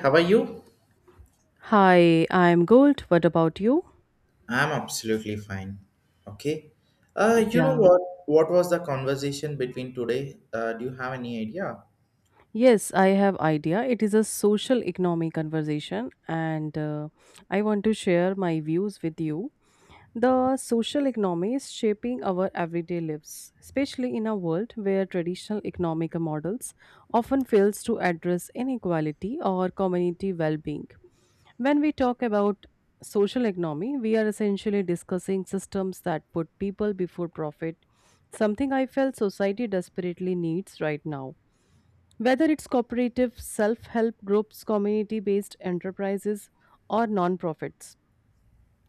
How are you? Hi, I'm good. What about you? I'm absolutely fine. Okay. Uh, you know Yeah. what? What was the conversation between today? Do you have any idea? Yes, I have idea. It is a social economic conversation and I want to share my views with you. The social economy is shaping our everyday lives, especially in a world where traditional economic models often fails to address inequality or community well-being. When we talk about social economy, we are essentially discussing systems that put people before profit, something I felt society desperately needs right now. Whether it's cooperative, self help groups, community based enterprises, or non-profits,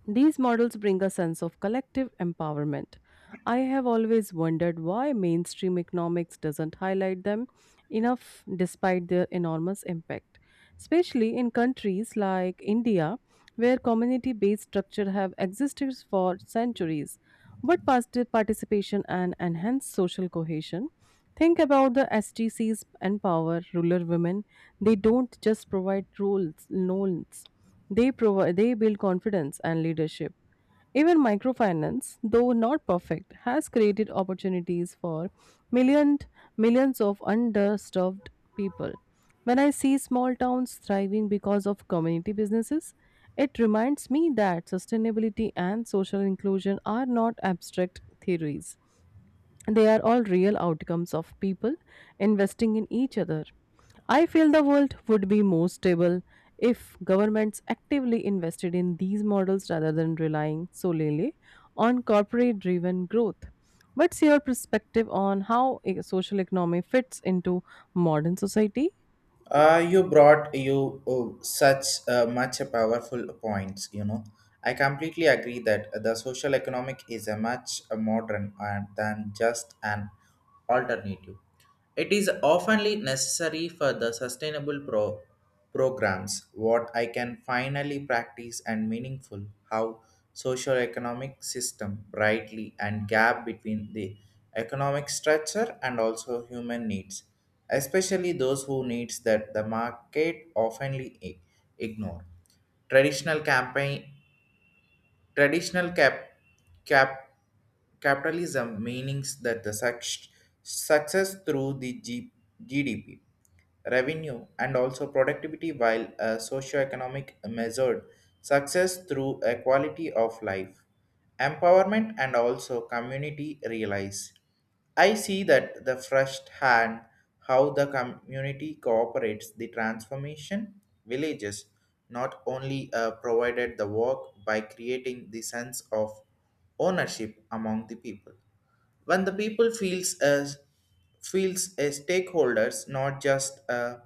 these models bring a sense of collective empowerment. I have always wondered why mainstream economics doesn't highlight them enough despite their enormous impact, especially in countries like India where community-based structures have existed for centuries. But past participation and enhanced social cohesion. Think about the STCs empower rural women. They don't just provide roles, loans, they build confidence and leadership. Even microfinance, though not perfect, has created opportunities for million, millions millions of underserved people. When I see small towns thriving because of community businesses, it reminds me that sustainability and social inclusion are not abstract theories. They are all real outcomes of people investing in each other. I feel the world would be more stable if governments actively invested in these models rather than relying solely on corporate driven growth. What's your perspective on how a social economy fits into modern society? You brought you such much a powerful points. You know, I completely agree that the social economic is a much modern and than just an alternative. It is oftenly necessary for the sustainable programs. What I can finally practice and meaningful how social economic system brightly and gap between the economic structure and also human needs, especially those who needs that the market oftenly ignore. Traditional campaign, traditional cap, capitalism meanings that the success through the GDP revenue, and also productivity, while a socioeconomic measured success through a quality of life, empowerment, and also community realize. I see that the first hand how the community cooperates the transformation villages, not only provided the work by creating the sense of ownership among the people. When the people feels as stakeholders, not just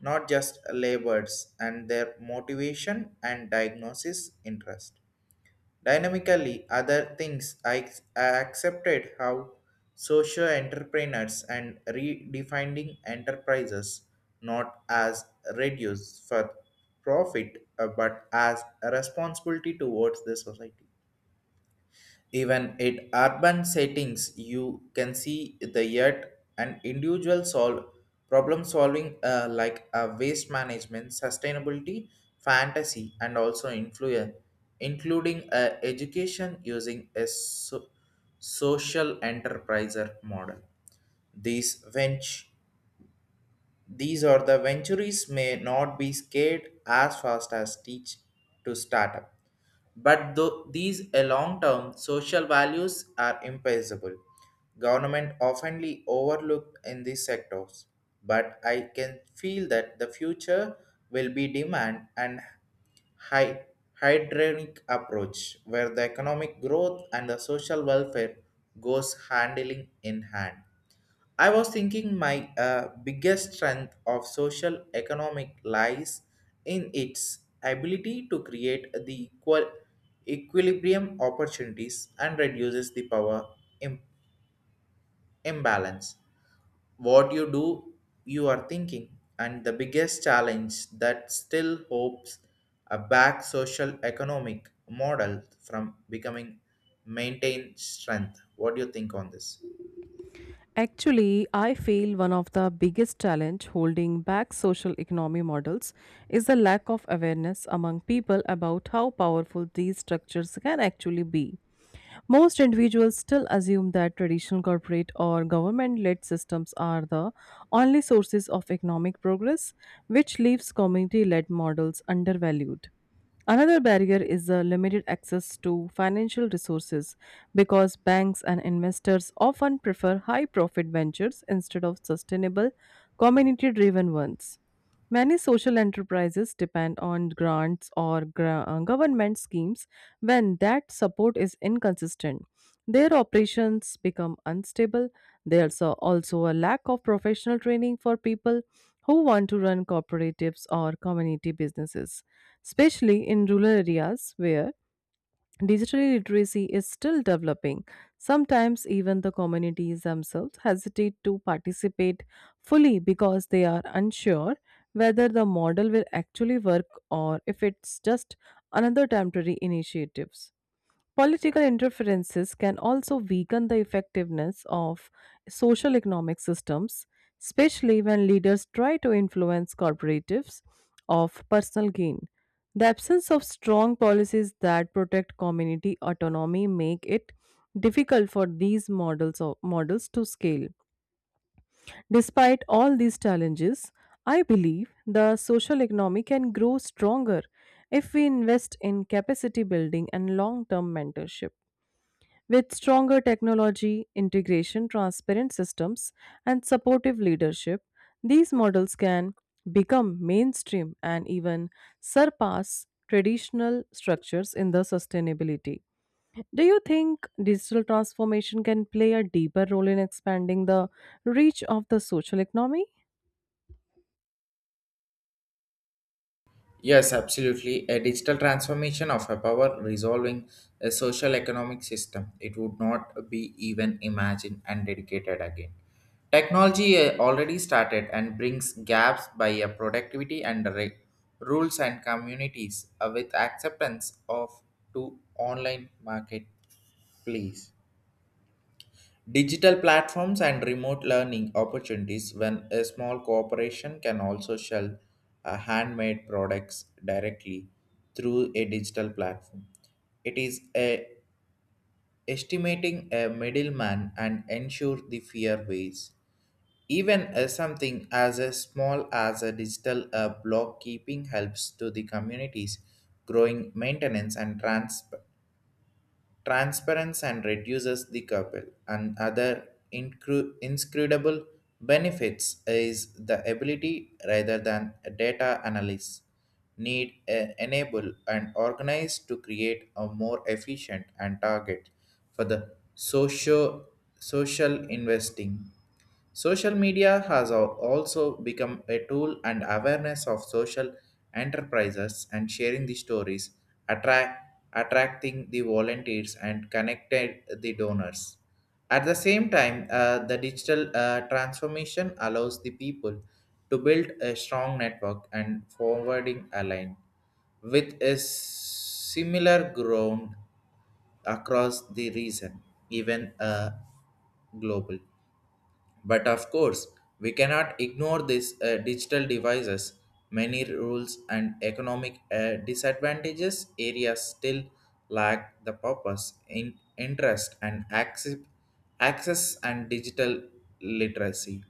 not just laborers, and their motivation and diagnosis interest dynamically. Other things, I accepted how social entrepreneurs and redefining enterprises not as reduce for profit, but as a responsibility towards the society. Even in urban settings, you can see the yet an individual solve problem solving, like waste management, sustainability, fantasy, and also influence, including education using a social enterpriser model. These ventures these are the ventures may not be scaled as fast as teach to startup. But though these a long-term social values are impossible, government oftenly overlooked in these sectors. But I can feel that the future will be demand and hy- hydronic approach, where the economic growth and the social welfare goes handling in hand. I was thinking my biggest strength of social economic lies in its ability to create the equal equilibrium opportunities and reduces the power im- imbalance. What you do, you are thinking, and the biggest challenge that still hopes a back social economic model from becoming maintained strength. What do you think on this? Actually, I feel one of the biggest challenge holding back social economy models is the lack of awareness among people about how powerful these structures can actually be. Most individuals still assume that traditional corporate or government led systems are the only sources of economic progress, which leaves community led models undervalued. Another barrier is the limited access to financial resources because banks and investors often prefer high profit ventures instead of sustainable, community driven ones. Many social enterprises depend on grants or government schemes when that support is inconsistent. Their operations become unstable. There's also a lack of professional training for people who want to run cooperatives or community businesses, especially in rural areas where digital literacy is still developing. Sometimes even the communities themselves hesitate to participate fully because they are unsure whether the model will actually work or if it's just another temporary initiative. Political interferences can also weaken the effectiveness of social economic systems, especially when leaders try to influence corporatives of personal gain. The absence of strong policies that protect community autonomy make it difficult for these models to scale. Despite all these challenges, I believe the social economy can grow stronger if we invest in capacity building and long-term mentorship. With stronger technology, integration, transparent systems, and supportive leadership, these models can become mainstream and even surpass traditional structures in the sustainability. Do you think digital transformation can play a deeper role in expanding the reach of the social economy? Yes, absolutely. A digital transformation of a power resolving a social economic system. It would not be even imagined and dedicated again. Technology already started and brings gaps by a productivity and rules and communities with acceptance of to online marketplace. Digital platforms and remote learning opportunities when a small corporation can also sell handmade products directly through a digital platform. It estimating a middleman and ensure the fair ways. Even something as a small as a digital block keeping helps to the communities growing maintenance and transparency, and reduces the couple and other inscrutable benefits is the ability rather than data analysis need enable and organize to create a more efficient and target for the social investing. Social media has also become a tool and awareness of social enterprises and sharing the stories, attract, attracting the volunteers and connected the donors. At the same time, the digital transformation allows the people to build a strong network and forwarding align with a similar ground across the region, even global. But of course, we cannot ignore these digital devices. Many rules and economic disadvantages areas still lack the purpose, interest, and access and digital literacy.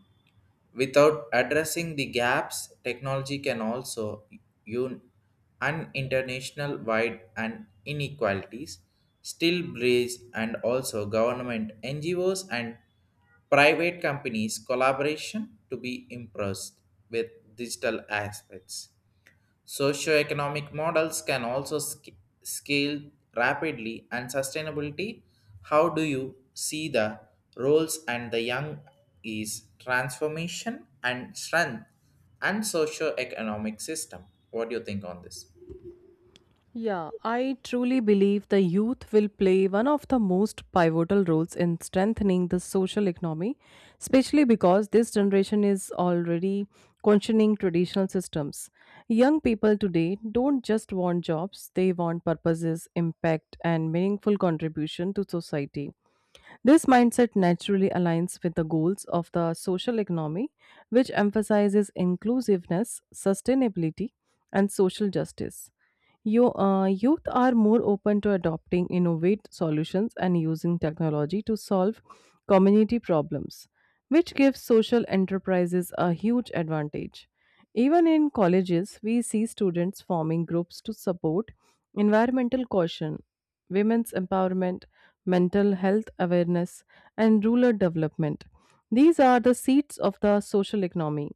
Without addressing the gaps, technology can also un- and international wide and inequalities still breeds, and also government NGOs and private companies collaboration to be impressed with digital aspects. Socioeconomic models can also scale rapidly and sustainability. How do you see the roles and the young is transformation and strength and socio-economic system? What do you think on this? Yeah, I truly believe the youth will play one of the most pivotal roles in strengthening the social economy, especially because this generation is already questioning traditional systems. Young people today don't just want jobs, they want purposes, impact, and meaningful contribution to society. This mindset naturally aligns with the goals of the social economy, which emphasizes inclusiveness, sustainability, and social justice. Youth are more open to adopting innovative solutions and using technology to solve community problems, which gives social enterprises a huge advantage. Even in colleges, we see students forming groups to support environmental caution, women's empowerment, mental health awareness, and rural development. These are the seats of the social economy.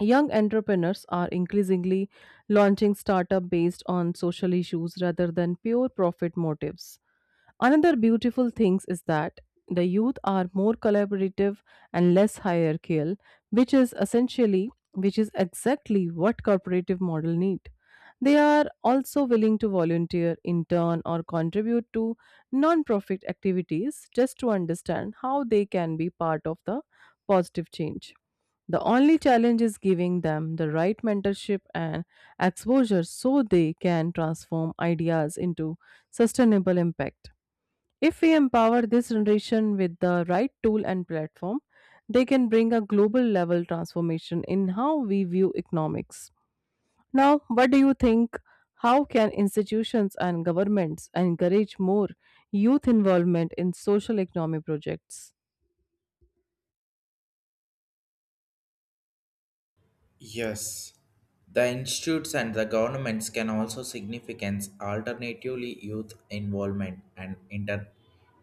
Young entrepreneurs are increasingly launching startups based on social issues rather than pure profit motives. Another beautiful thing is that the youth are more collaborative and less hierarchical, which is essentially which is exactly what corporative model need. They are also willing to volunteer, intern or contribute to non-profit activities just to understand how they can be part of the positive change. The only challenge is giving them the right mentorship and exposure so they can transform ideas into sustainable impact. If we empower this generation with the right tool and platform, they can bring a global level transformation in how we view economics. Now, what do you think? How can institutions and governments encourage more youth involvement in social economy projects? Yes, the institutes and the governments can also significance alternatively youth involvement and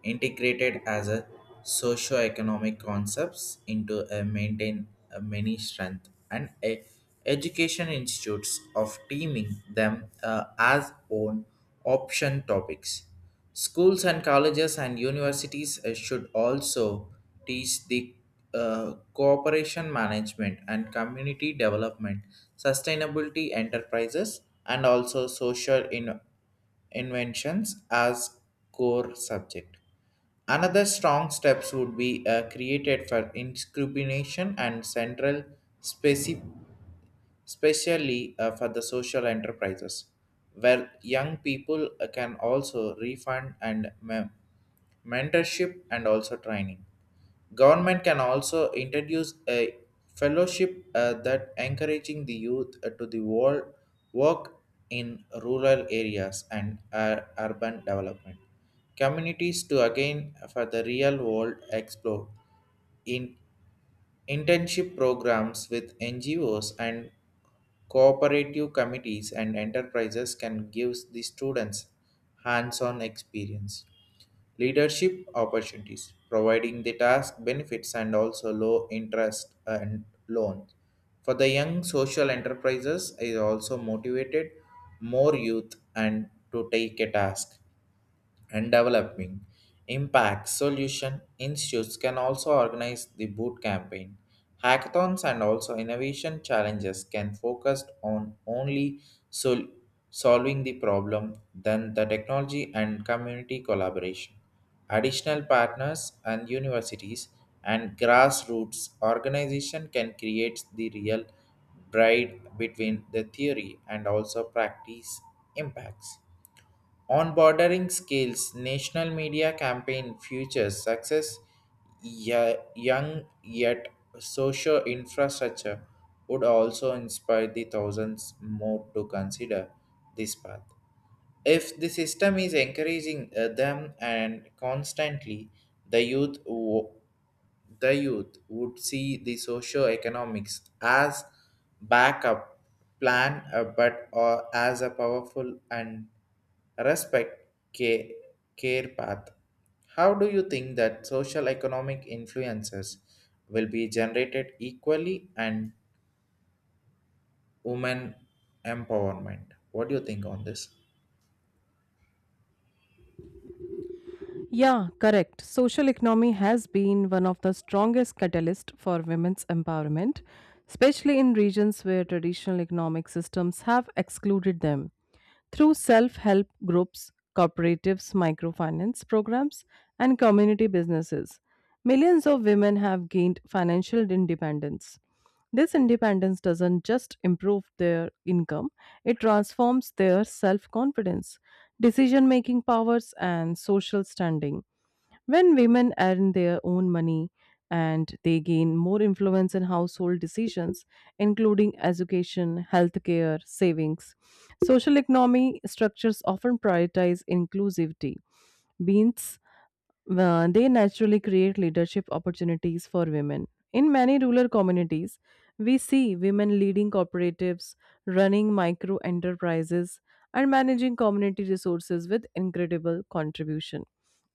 integrated as a socio-economic concepts into a maintain a many strength and a education institutes of teaming them as own option topics. Schools and colleges and universities should also teach the cooperation management and community development, sustainability enterprises, and also social inventions as core subject. Another strong steps would be created for discrimination and central specific, especially for the social enterprises, where young people can also refund and mentorship and also training. Government can also introduce a fellowship that encouraging the youth to the world work in rural areas and urban development communities to again for the real world explore in internship programs with NGOs and cooperative committees and enterprises can give the students hands on experience. Leadership opportunities, providing the task benefits and also low interest and loans. For the young, social enterprises is also motivated more youth and to take a task and developing impact solution institutes can also organize the boot campaign, hackathons, and also innovation challenges can focus on only sol- solving the problem than the technology and community collaboration additional partners and universities and grassroots organization can create the real bride between the theory and also practice impacts on bordering scales. National media campaign features success young yet social infrastructure would also inspire the thousands more to consider this path. If the system is encouraging them and constantly, the youth the youth would see the socio-economics as backup plan, but as a powerful and respect care path. How do you think that social economic influences will be generated equally and women empowerment? What do you think on this? Yeah, correct. Social economy has been one of the strongest catalysts for women's empowerment, especially in regions where traditional economic systems have excluded them. Through self help groups, cooperatives, microfinance programs, and community businesses, millions of women have gained financial independence. This independence doesn't just improve their income, it transforms their self confidence, decision making powers, and social standing. When women earn their own money and they gain more influence in household decisions, including education, healthcare, savings, social economy structures often prioritize inclusivity. Means they naturally create leadership opportunities for women. In many rural communities, we see women leading cooperatives, running micro enterprises, and managing community resources with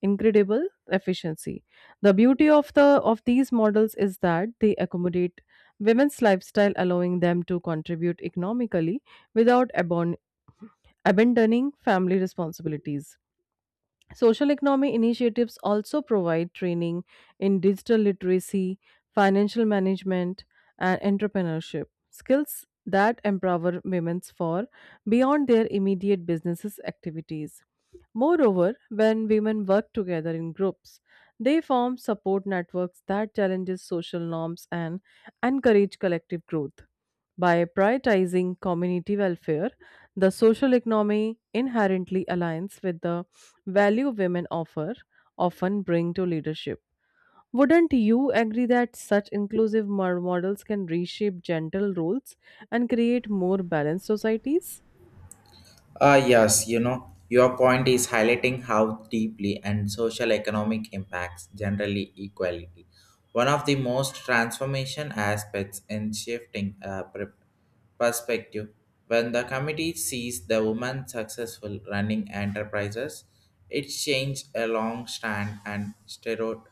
incredible efficiency. The beauty of these models is that they accommodate women's lifestyle, allowing them to contribute economically without abandoning family responsibilities. Social economy initiatives also provide training in digital literacy, financial management, and entrepreneurship skills that empower women for beyond their immediate businesses activities. Moreover, when women work together in groups, they form support networks that challenges social norms and encourage collective growth. By prioritizing community welfare, the social economy inherently aligns with the value women offer often bring to leadership. Wouldn't you agree that such inclusive models can reshape gender roles and create more balanced societies? Yes, you know, your point is highlighting how deeply and social economic impacts generally equality. One of the most transformation aspects in shifting perspective, when the committee sees the woman successful running enterprises, it changed a long stand and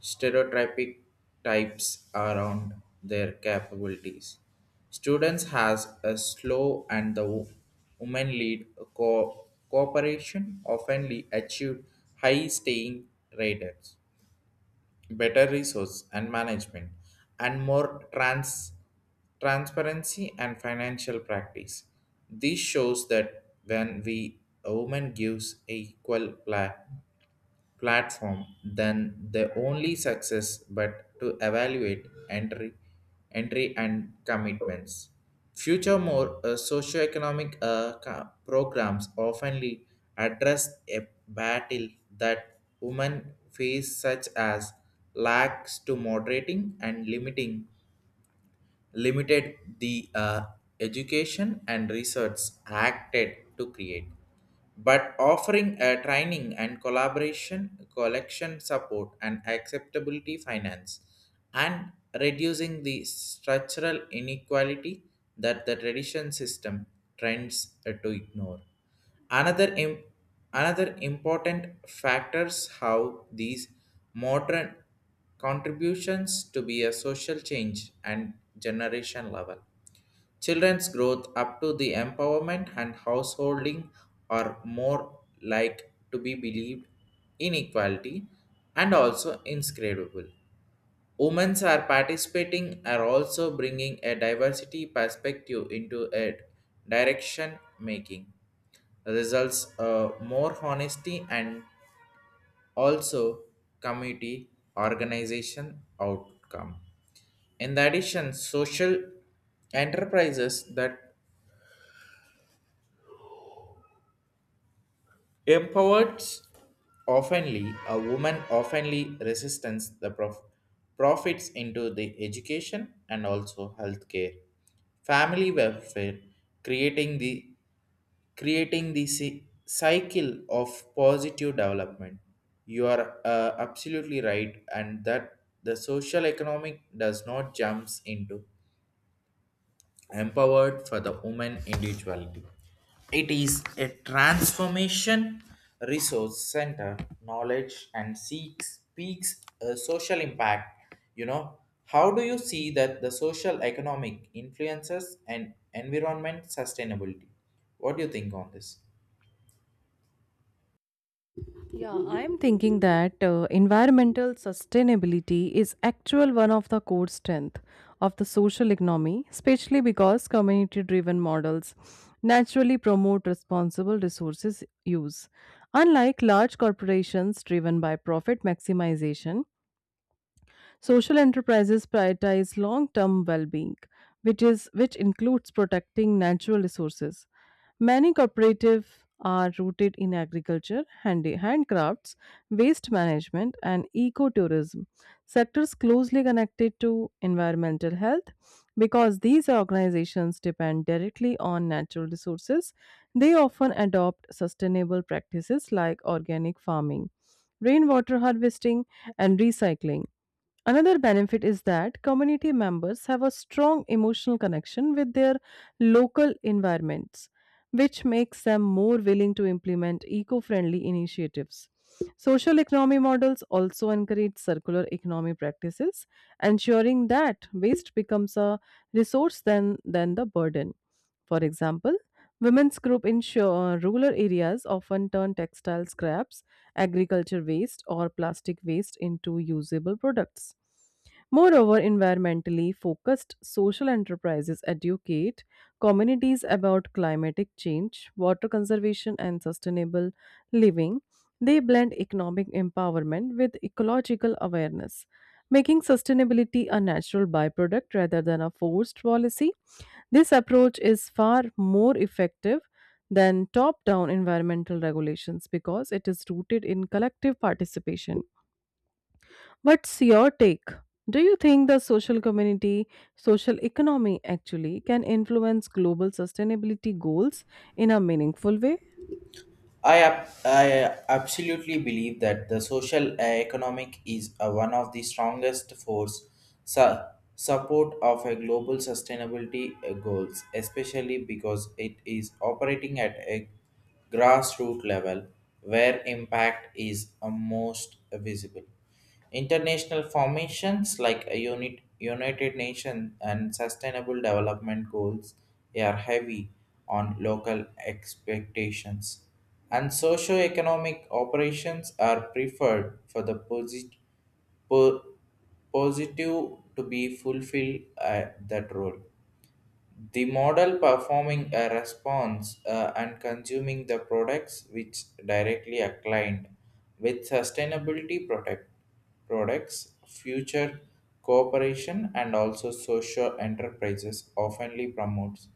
stereotypic types around their capabilities. Students has a slow and the women lead cooperation oftenly achieved high staying rates, better resource and management, and more transparency and financial practice. This shows that when we a woman gives equal platform than the only success but to evaluate entry entry and commitments. Future more socioeconomic programs oftenly address a battle that women face, such as lacks to moderating and limiting limited the education and research, acted to create but offering a training and collaboration collection support and acceptability finance and reducing the structural inequality that the tradition system trends to ignore. Another another important factors how these modern contributions to be a social change and generation level. Children's growth up to the empowerment and householding are more like to be believed inequality and also inscrutable. Women are participating are also bringing a diversity perspective into a direction making results more honesty and also community organization outcome. In addition, social enterprises that empowered oftenly a woman oftenly resistance the profits into the education and also healthcare, family welfare, creating the creating the cycle of positive development. You are absolutely right, and that the social economic does not jumps into empowered for the woman individuality. It is a transformation resource center, knowledge and seeks peaks a social impact. You know, how do you see that the social economic influences and environment sustainability? What do you think on this? Yeah, I'm thinking that environmental sustainability is actual one of the core strength of the social economy, especially because community-driven models naturally promote responsible resources use. Unlike large corporations driven by profit maximization, social enterprises prioritize long-term well-being, which includes protecting natural resources. Many cooperatives are rooted in agriculture, handcrafts, waste management, and ecotourism, sectors closely connected to environmental health. Because these organizations depend directly on natural resources, they often adopt sustainable practices like organic farming, rainwater harvesting, and recycling. Another benefit is that community members have a strong emotional connection with their local environments, which makes them more willing to implement eco friendly initiatives. Social economy models also encourage circular economy practices, ensuring that waste becomes a resource than the burden. For example, women's group in rural areas often turn textile scraps, agriculture waste, or plastic waste into usable products. Moreover, environmentally focused social enterprises educate communities about climatic change, water conservation, and sustainable living. They blend economic empowerment with ecological awareness, making sustainability a natural byproduct rather than a forced policy. This approach is far more effective than top down environmental regulations because it is rooted in collective participation. What's your take? Do you think social economy actually can influence global sustainability goals in a meaningful way? I absolutely believe that the social economic is one of the strongest force su- support of a global sustainability goals, especially because it is operating at a grassroots level where impact is most visible. International formations like a United Nations and Sustainable Development Goals are heavy on local expectations, and socio-economic operations are preferred for the po- positive to be fulfilled at that role. The model performing a response and consuming the products which directly aligned with sustainability products, future cooperation, and also social enterprises oftenly promotes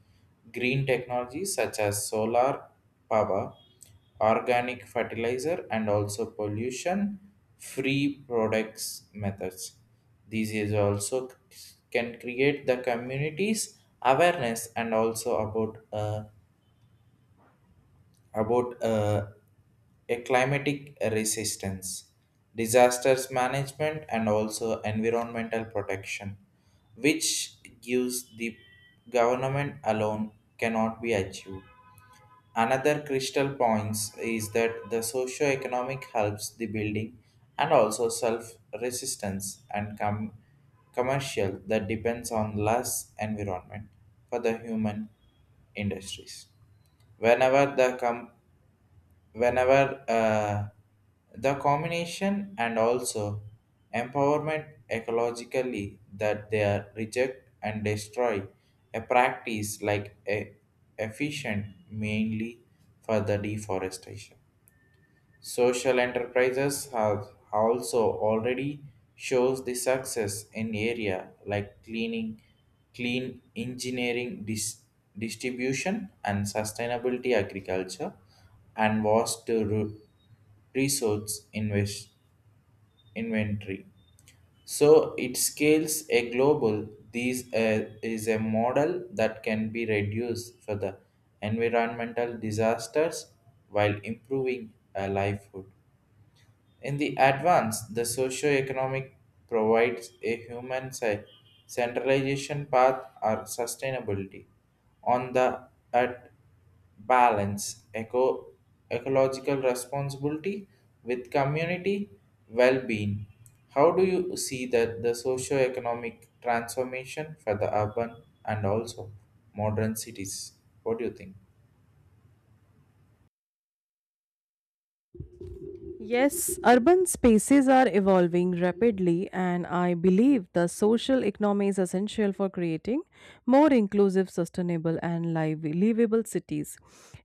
green technologies such as solar power, organic fertilizer, and also pollution free products methods. These is also can create the communities awareness and also about a climatic resistance, disasters management, and also environmental protection, which gives the government alone cannot be achieved. Another crystal points is that the socio-economic helps the building and also self-resistance and commercial that depends on less environment for the human industries. Whenever whenever the combination and also empowerment ecologically that they are reject and destroy a practice like a efficient mainly for the deforestation. Social enterprises have also already shows the success in area like cleaning, clean engineering distribution and sustainability agriculture and vast resource inventory. So it scales a global. This is a model that can be reduced for the environmental disasters while improving a livelihood. In the advance, the socio-economic provides a human centralization path or sustainability. On the at balance, ecological responsibility with community well-being. How do you see that the socio-economic transformation for the urban and also modern cities? What do you think? Yes, urban spaces are evolving rapidly, and I believe the social economy is essential for creating more inclusive, sustainable, and livable cities.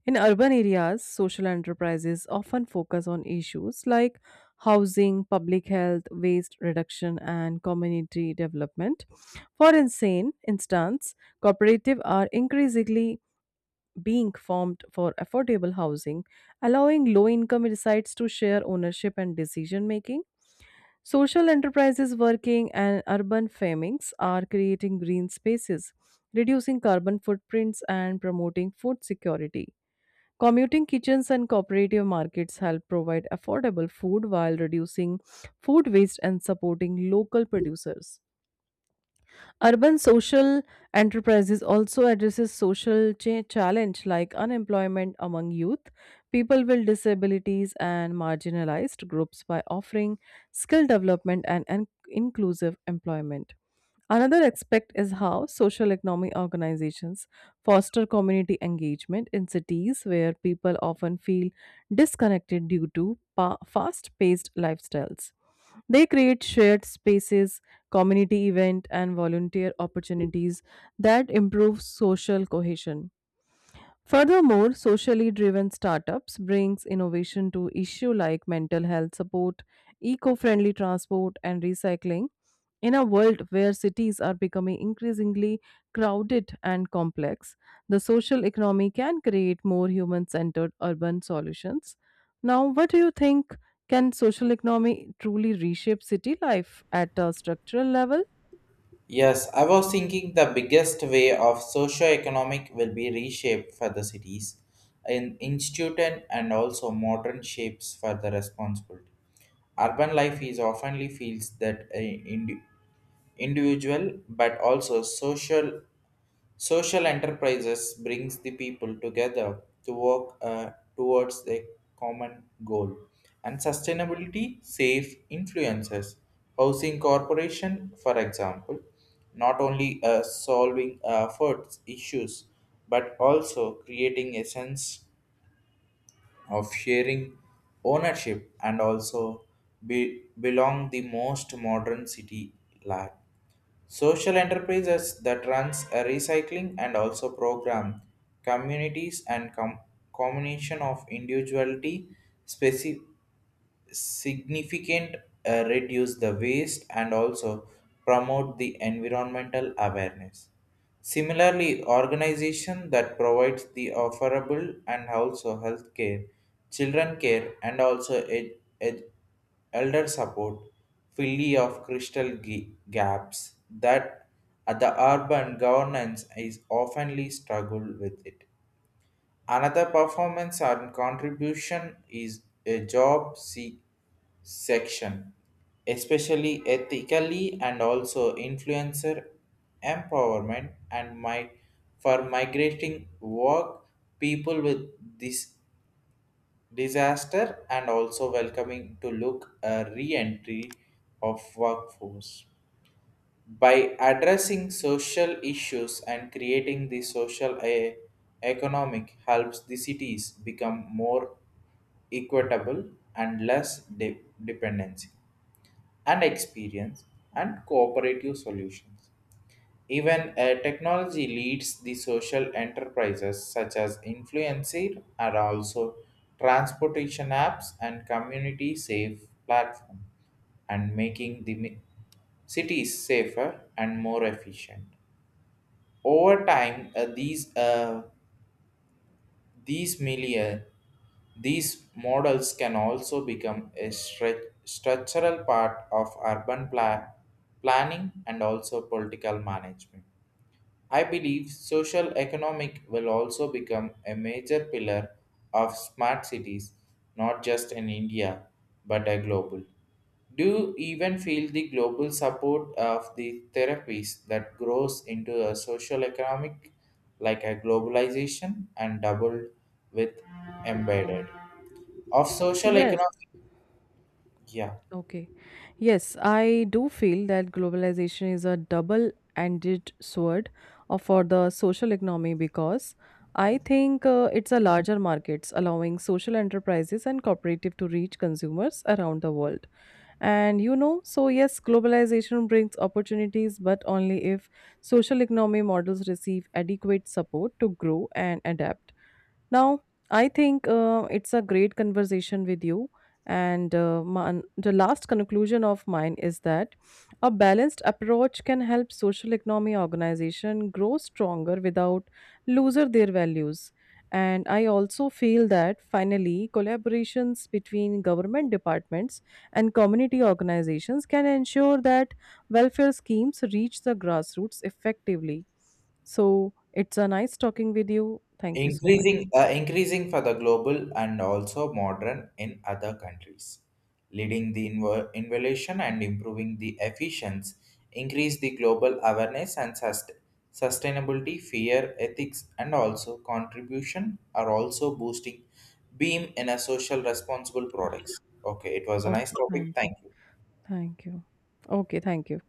In urban areas, social enterprises often focus on issues like housing, public health, waste reduction, and community development. For insane instance, cooperatives are increasingly being formed for affordable housing, allowing low income resides to share ownership and decision making. Social enterprises working and urban farmings are creating green spaces, reducing carbon footprints, and promoting food security. Commuting kitchens and cooperative markets help provide affordable food while reducing food waste and supporting local producers. Urban social enterprises also addresses social challenge like unemployment among youth, people with disabilities and marginalized groups by offering skill development and inclusive employment. Another aspect is how social economy organizations foster community engagement in cities where people often feel disconnected due to fast-paced lifestyles. They create shared spaces, community event and volunteer opportunities that improve social cohesion. Furthermore, socially driven startups brings innovation to issue like mental health support, eco-friendly transport and recycling in a world where cities are becoming increasingly crowded and complex. The social economy can create more human-centered urban solutions. Now, what do you think, can social economy truly reshape city life at a structural level? Yes, I was thinking the biggest way of socio-economic will be reshaped for the cities in instituted and also modern shapes for the responsibility. Urban life is oftenly feels that a individual but also social. Social enterprises brings the people together to work towards a common goal. And sustainability, safe influences, housing corporation, for example, not only solving efforts issues, but also creating a sense of sharing ownership and also belong the most modern city life. Social enterprises that runs a recycling and also program communities and combination of individuality, specific significant reduce the waste and also promote the environmental awareness, similarly organization that provides the offerable and also health care children care and also ed- elder support filly of crystal gaps that the urban governance is oftenly struggle with it. Another performance and contribution is a job section, especially ethically and also influencer empowerment and my for migrating work people with this disaster and also welcoming to look a re-entry of workforce. By addressing social issues and creating the social economic helps the cities become more equitable and less dependency and experience and cooperative solutions. Even technology leads the social enterprises such as influencer are also transportation apps and community safe platform and making the cities safer and more efficient. Over time, these these million these models can also become a structural part of urban planning and also political management. I believe social economic will also become a major pillar of smart cities, not just in India, but a global. Do you even feel the global support of the therapies that grows into a social economic like a globalization and doubled with embedded of social Yes. economic? Yeah, Okay. Yes, I do feel that globalization is a double ended sword for the social economy because I think it's a larger markets allowing social enterprises and cooperative to reach consumers around the world. And so yes, globalization brings opportunities, but only if social economy models receive adequate support to grow and adapt. Now, I think it's a great conversation with you. And the last conclusion of mine is that a balanced approach can help social economy organization grow stronger without loser their values. And I also feel that finally, collaborations between government departments and community organizations can ensure that welfare schemes reach the grassroots effectively. So it's a nice talking with you. Thank you so much. increasing increasing for the global and also modern in other countries, leading the innovation and improving the efficiency, increase the global awareness and sustainability fear ethics and also contribution are also boosting beam in a social responsible products. Okay, it was a nice Okay, topic. thank you. Thank you. Thank you. Okay, thank you.